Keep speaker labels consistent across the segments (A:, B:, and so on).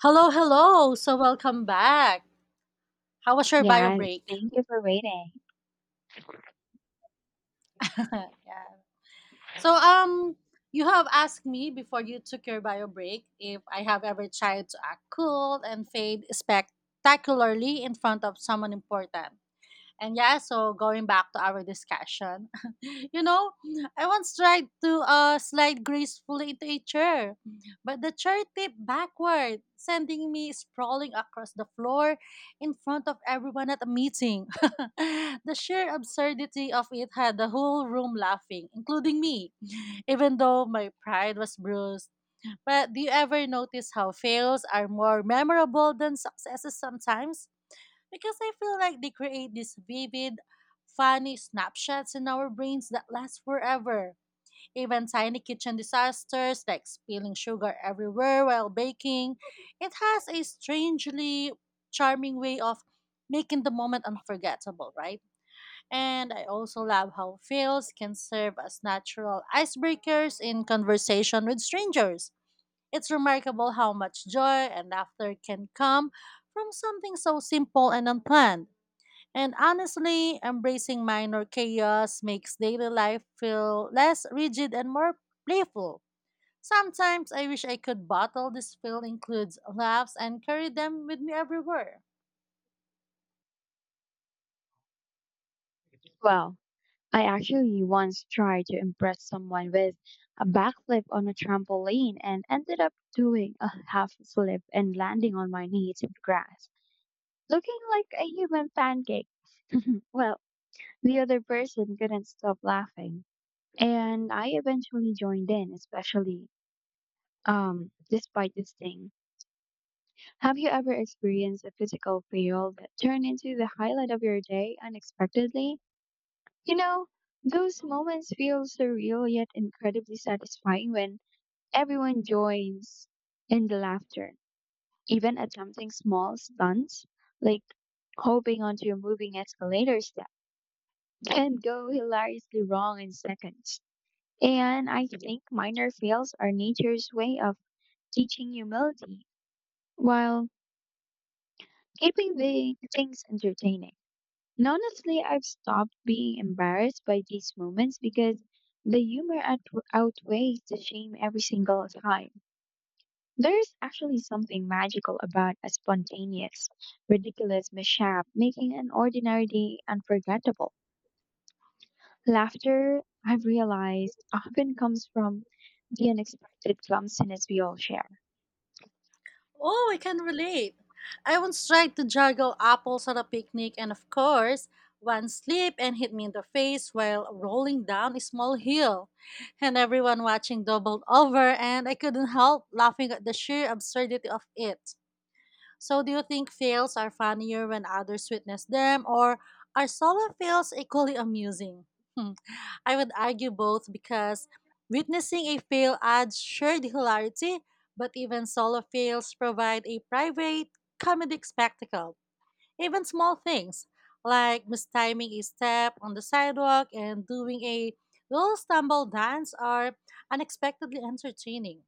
A: Hello, hello. So welcome back. How was your bio
B: Yes,
A: break?
B: thank you for waiting.
A: yeah. So you have asked me before you took your bio break if I have ever tried to act cool and fade spectacularly in front of someone important. And yeah, so going back to our discussion, you know, I once tried to slide gracefully into a chair, but the chair tipped backward, sending me sprawling across the floor in front of everyone at a meeting. The sheer absurdity of it had the whole room laughing, including me, even though my pride was bruised. But do you ever notice how fails are more memorable than successes sometimes? Because I feel like they create these vivid, funny snapshots in our brains that last forever. Even tiny kitchen disasters like spilling sugar everywhere while baking, it has a strangely charming way of making the moment unforgettable, right? And I also love how fails can serve as natural icebreakers in conversation with strangers. It's remarkable how much joy and laughter can come from something so simple and unplanned. And honestly, embracing minor chaos makes daily life feel less rigid and more playful. Sometimes I wish I could bottle this feel includes laughs and carry them with me everywhere.
B: Well, I actually once tried to impress someone with a backflip on a trampoline and ended up doing a half flip and landing on my knees in grass, looking like a human pancake. Well, the other person couldn't stop laughing, and I eventually joined in, especially despite this thing. Have you ever experienced a physical fail that turned into the highlight of your day unexpectedly? You know, those moments feel surreal yet incredibly satisfying when everyone joins in the laughter, even at something small stunts, like hopping onto a moving escalator step can go hilariously wrong in seconds. And I think minor fails are nature's way of teaching humility while keeping the things entertaining. And honestly, I've stopped being embarrassed by these moments because the humor outweighs the shame every single time. There's actually something magical about a spontaneous, ridiculous mishap, making an ordinary day unforgettable. Laughter, I've realized, often comes from the unexpected clumsiness we all share.
A: Oh, I can relate. I once tried to juggle apples at a picnic and of course, one slipped and hit me in the face while rolling down a small hill. And everyone watching doubled over and I couldn't help laughing at the sheer absurdity of it. So, do you think fails are funnier when others witness them, or are solo fails equally amusing? Hmm, I would argue both because witnessing a fail adds shared hilarity, but even solo fails provide a private comedic spectacle. Even small things like mistiming a step on the sidewalk and doing a little stumble dance are unexpectedly entertaining.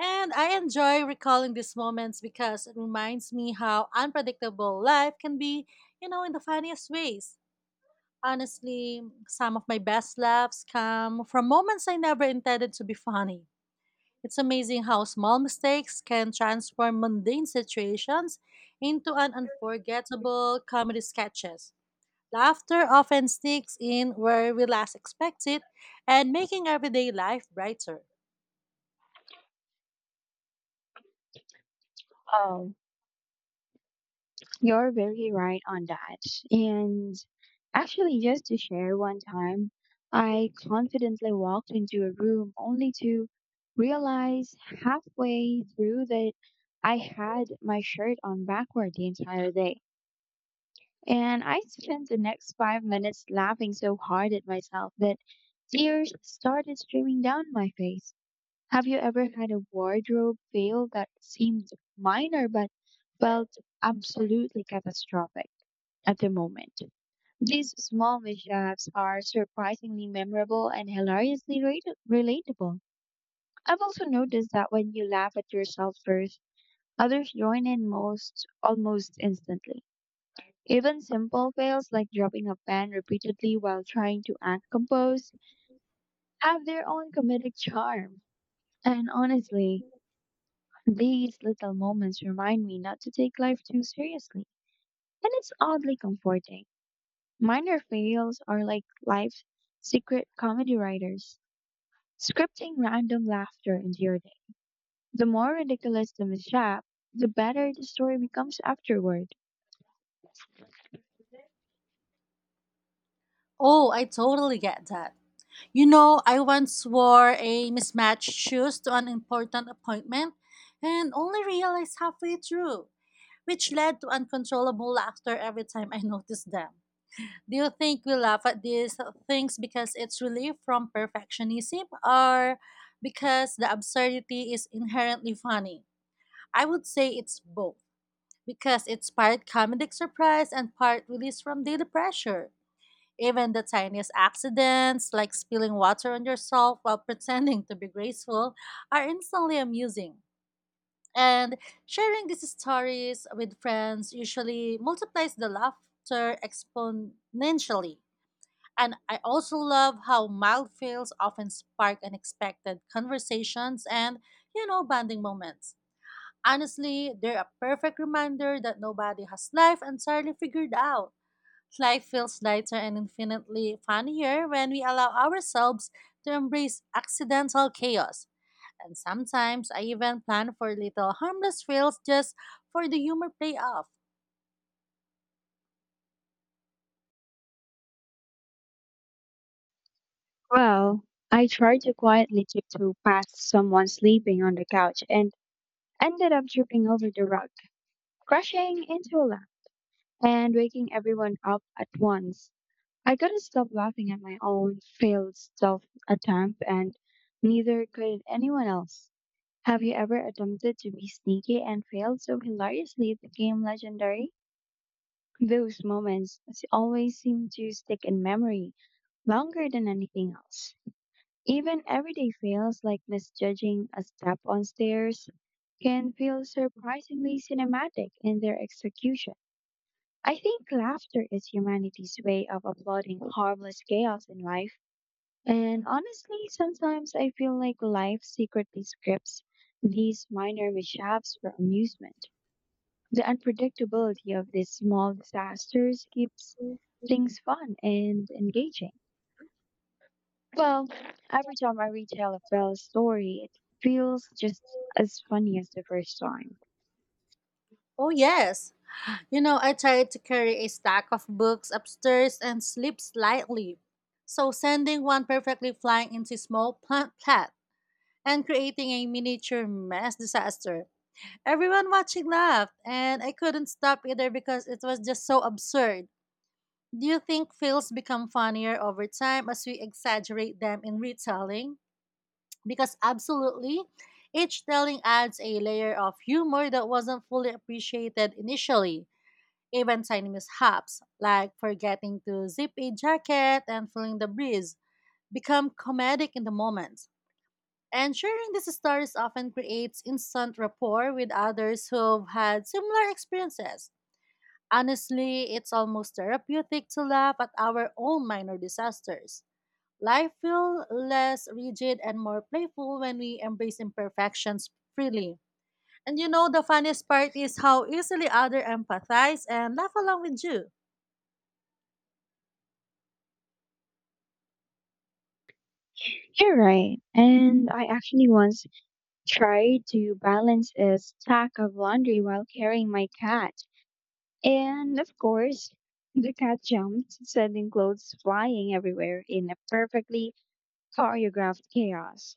A: And I enjoy recalling these moments because it reminds me how unpredictable life can be, you know, in the funniest ways. Honestly, some of my best laughs come from moments I never intended to be funny. It's amazing how small mistakes can transform mundane situations into an unforgettable comedy sketches. Laughter often sneaks in where we last expect it and making everyday life brighter.
B: Oh, you're very right on that. And actually, just to share one time, I confidently walked into a room only to realize halfway through that I had my shirt on backward the entire day. And I spent the next 5 minutes laughing so hard at myself that tears started streaming down my face. Have you ever had a wardrobe fail that seemed minor but felt absolutely catastrophic at the moment? These small mishaps are surprisingly memorable and hilariously relatable. I've also noticed that when you laugh at yourself first, others join in most almost instantly. Even simple fails like dropping a pen repeatedly while trying to act composed have their own comedic charm. And honestly, these little moments remind me not to take life too seriously. And it's oddly comforting. Minor fails are like life's secret comedy writers, scripting random laughter into your day. The more ridiculous the mishap, the better the story becomes afterward.
A: Oh, I totally get that. You know, I once wore a mismatched shoes to an important appointment and only realized halfway through, which led to uncontrollable laughter every time I noticed them. Do you think we laugh at these things because it's relief from perfectionism or because the absurdity is inherently funny? I would say it's both because it's part comedic surprise and part release from daily pressure. Even the tiniest accidents, like spilling water on yourself while pretending to be graceful, are instantly amusing. And sharing these stories with friends usually multiplies the laughter exponentially. And I also love how mild fails often spark unexpected conversations and, you know, bonding moments. Honestly, they're a perfect reminder that nobody has life entirely figured out. Life feels lighter and infinitely funnier when we allow ourselves to embrace accidental chaos. And sometimes I even plan for little harmless fails just for the humor payoff.
B: Well, I tried to quietly tiptoe past someone sleeping on the couch and ended up tripping over the rug, crashing into a lamp and waking everyone up at once. I couldn't stop laughing at my own failed self attempt, and neither could anyone else. Have you ever attempted to be sneaky and failed so hilariously it became legendary? Those moments always seem to stick in memory longer than anything else. Even everyday fails like misjudging a step on stairs can feel surprisingly cinematic in their execution. I think laughter is humanity's way of applauding harmless chaos in life. And honestly, sometimes I feel like life secretly scripts these minor mishaps for amusement. The unpredictability of these small disasters keeps things fun and engaging. Well, every time I retell a Belle's story, it feels just as funny as the first time.
A: Oh, yes. You know, I tried to carry a stack of books upstairs and slipped slightly. So, sending one perfectly flying into small plant plat and creating a miniature mess disaster. Everyone watching laughed, and I couldn't stop either because it was just so absurd. Do you think fails become funnier over time as we exaggerate them in retelling? Because absolutely, each telling adds a layer of humor that wasn't fully appreciated initially. Even tiny mishaps, like forgetting to zip a jacket and feeling the breeze, become comedic in the moment. And sharing these stories often creates instant rapport with others who've had similar experiences. Honestly, it's almost therapeutic to laugh at our own minor disasters. Life feels less rigid and more playful when we embrace imperfections freely. And you know, the funniest part is how easily others empathize and laugh along with you.
B: You're right. And I actually once tried to balance a stack of laundry while carrying my cat. And of course, the cat jumped, sending clothes flying everywhere in a perfectly choreographed chaos.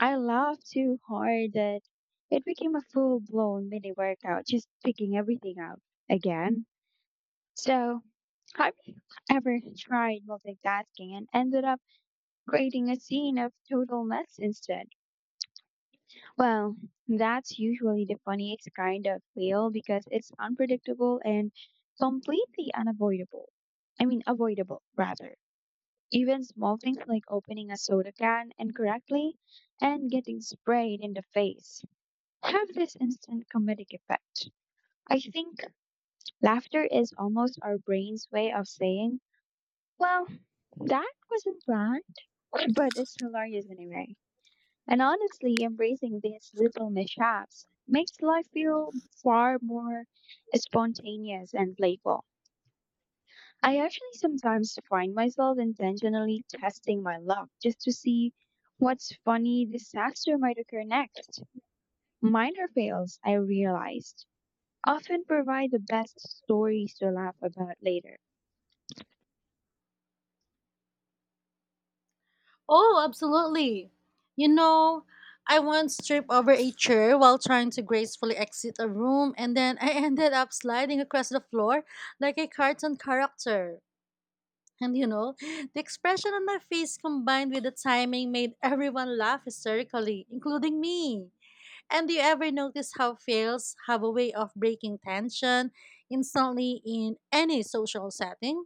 B: I laughed too hard that it became a full blown mini workout, just picking everything out again. So, have you ever tried multitasking and ended up creating a scene of total mess instead? Well, that's usually the funniest kind of fail because it's unpredictable and completely unavoidable. I mean, avoidable, rather. Even small things like opening a soda can incorrectly and getting sprayed in the face have this instant comedic effect. I think laughter is almost our brain's way of saying, well, that wasn't planned, but it's hilarious anyway. And honestly, embracing these little mishaps makes life feel far more spontaneous and playful. I actually sometimes find myself intentionally testing my luck just to see what's funny disaster might occur next. Minor fails, I realized, often provide the best stories to laugh about later.
A: Oh, absolutely. You know, I once tripped over a chair while trying to gracefully exit a room, and then I ended up sliding across the floor like a cartoon character. And you know, the expression on my face combined with the timing made everyone laugh hysterically, including me. And do you ever notice how fails have a way of breaking tension instantly in any social setting?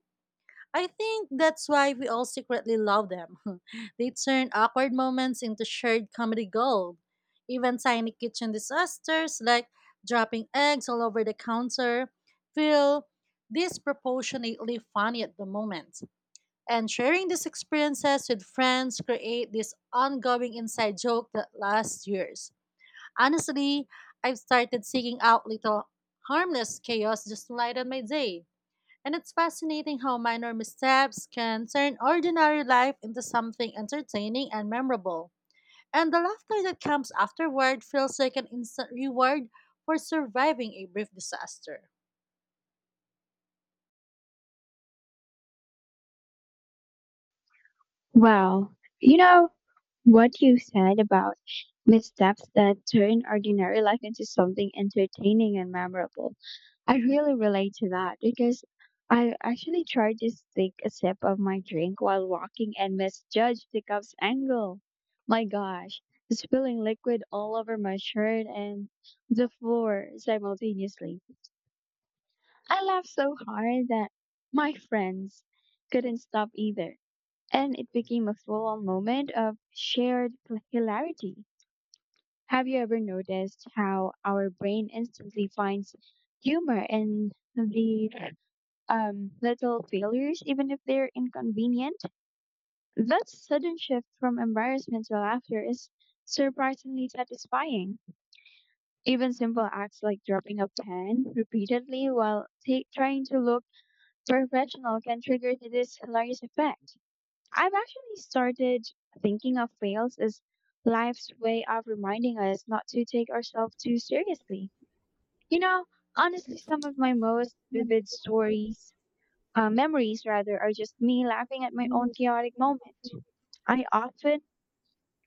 A: I think that's why we all secretly love them. They turn awkward moments into shared comedy gold. Even tiny kitchen disasters like dropping eggs all over the counter feel disproportionately funny at the moment and sharing these experiences with friends create this ongoing inside joke that lasts years. Honestly, I've started seeking out little harmless chaos just to lighten my day. And it's fascinating how minor missteps can turn ordinary life into something entertaining and memorable. And the laughter that comes afterward feels like an instant reward for surviving a brief disaster.
B: Well, you know what you said about missteps that turn ordinary life into something entertaining and memorable. I really relate to that because I actually tried to take a sip of my drink while walking and misjudged the cup's angle. My gosh, spilling liquid all over my shirt and the floor simultaneously. I laughed so hard that my friends couldn't stop either, and it became a full on moment of shared hilarity. Have you ever noticed how our brain instantly finds humor in the little failures, even if they're inconvenient? That sudden shift from embarrassment to laughter is surprisingly satisfying. Even simple acts like dropping a pen repeatedly while trying to look professional can trigger to this hilarious effect. I've actually started thinking of fails as life's way of reminding us not to take ourselves too seriously. You know, honestly, some of my most vivid memories rather, are just me laughing at my own chaotic moment. I often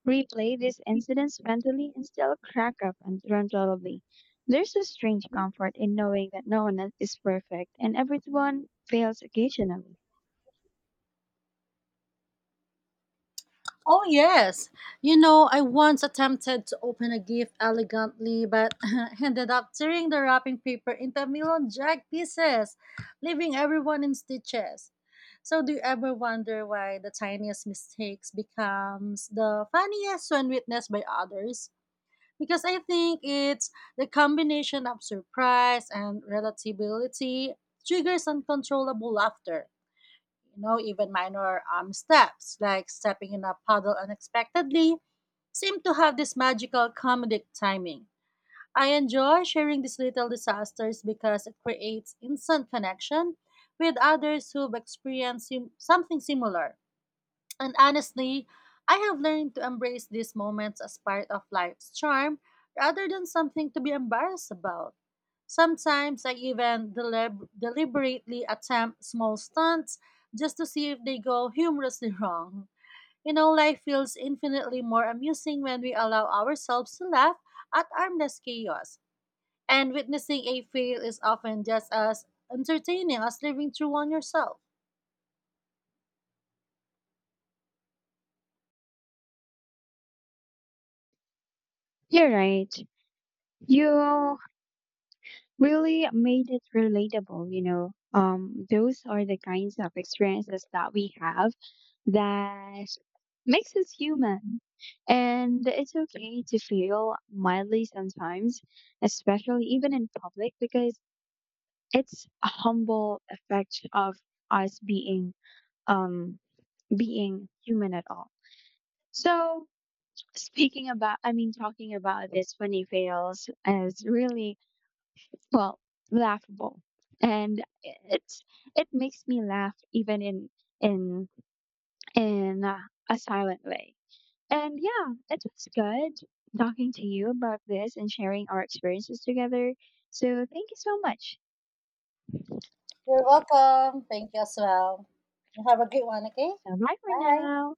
B: replay these incidents mentally and still crack up uncontrollably. There's a strange comfort in knowing that no one is perfect and everyone fails occasionally.
A: Oh, yes. You know, I once attempted to open a gift elegantly, but ended up tearing the wrapping paper into a million jagged pieces, leaving everyone in stitches. So, do you ever wonder why the tiniest mistakes becomes the funniest when witnessed by others? Because I think it's the combination of surprise and relatability triggers uncontrollable laughter, you know, even minor steps like stepping in a puddle unexpectedly seem to have this magical comedic timing. I enjoy sharing these little disasters because it creates instant connection with others who've experienced something similar. And honestly, I have learned to embrace these moments as part of life's charm rather than something to be embarrassed about. Sometimes I even deliberately attempt small stunts just to see if they go humorously wrong. You know, life feels infinitely more amusing when we allow ourselves to laugh at harmless chaos. And witnessing a fail is often just as entertaining as living through one yourself.
B: You're right. You really made it relatable, you know. Those are the kinds of experiences that we have that makes us human. And it's okay to feel mildly sometimes, especially even in public, because it's a humble effect of us being um being human at all. So speaking about I mean talking about this funny fails is really, well, laughable, and it makes me laugh even in in a silent way. And yeah, it was good talking to you about this and sharing our experiences together. So thank you so much.
A: You're welcome. Thank you as well. You have a great one, okay?
B: So bye for
A: Bye.
B: now.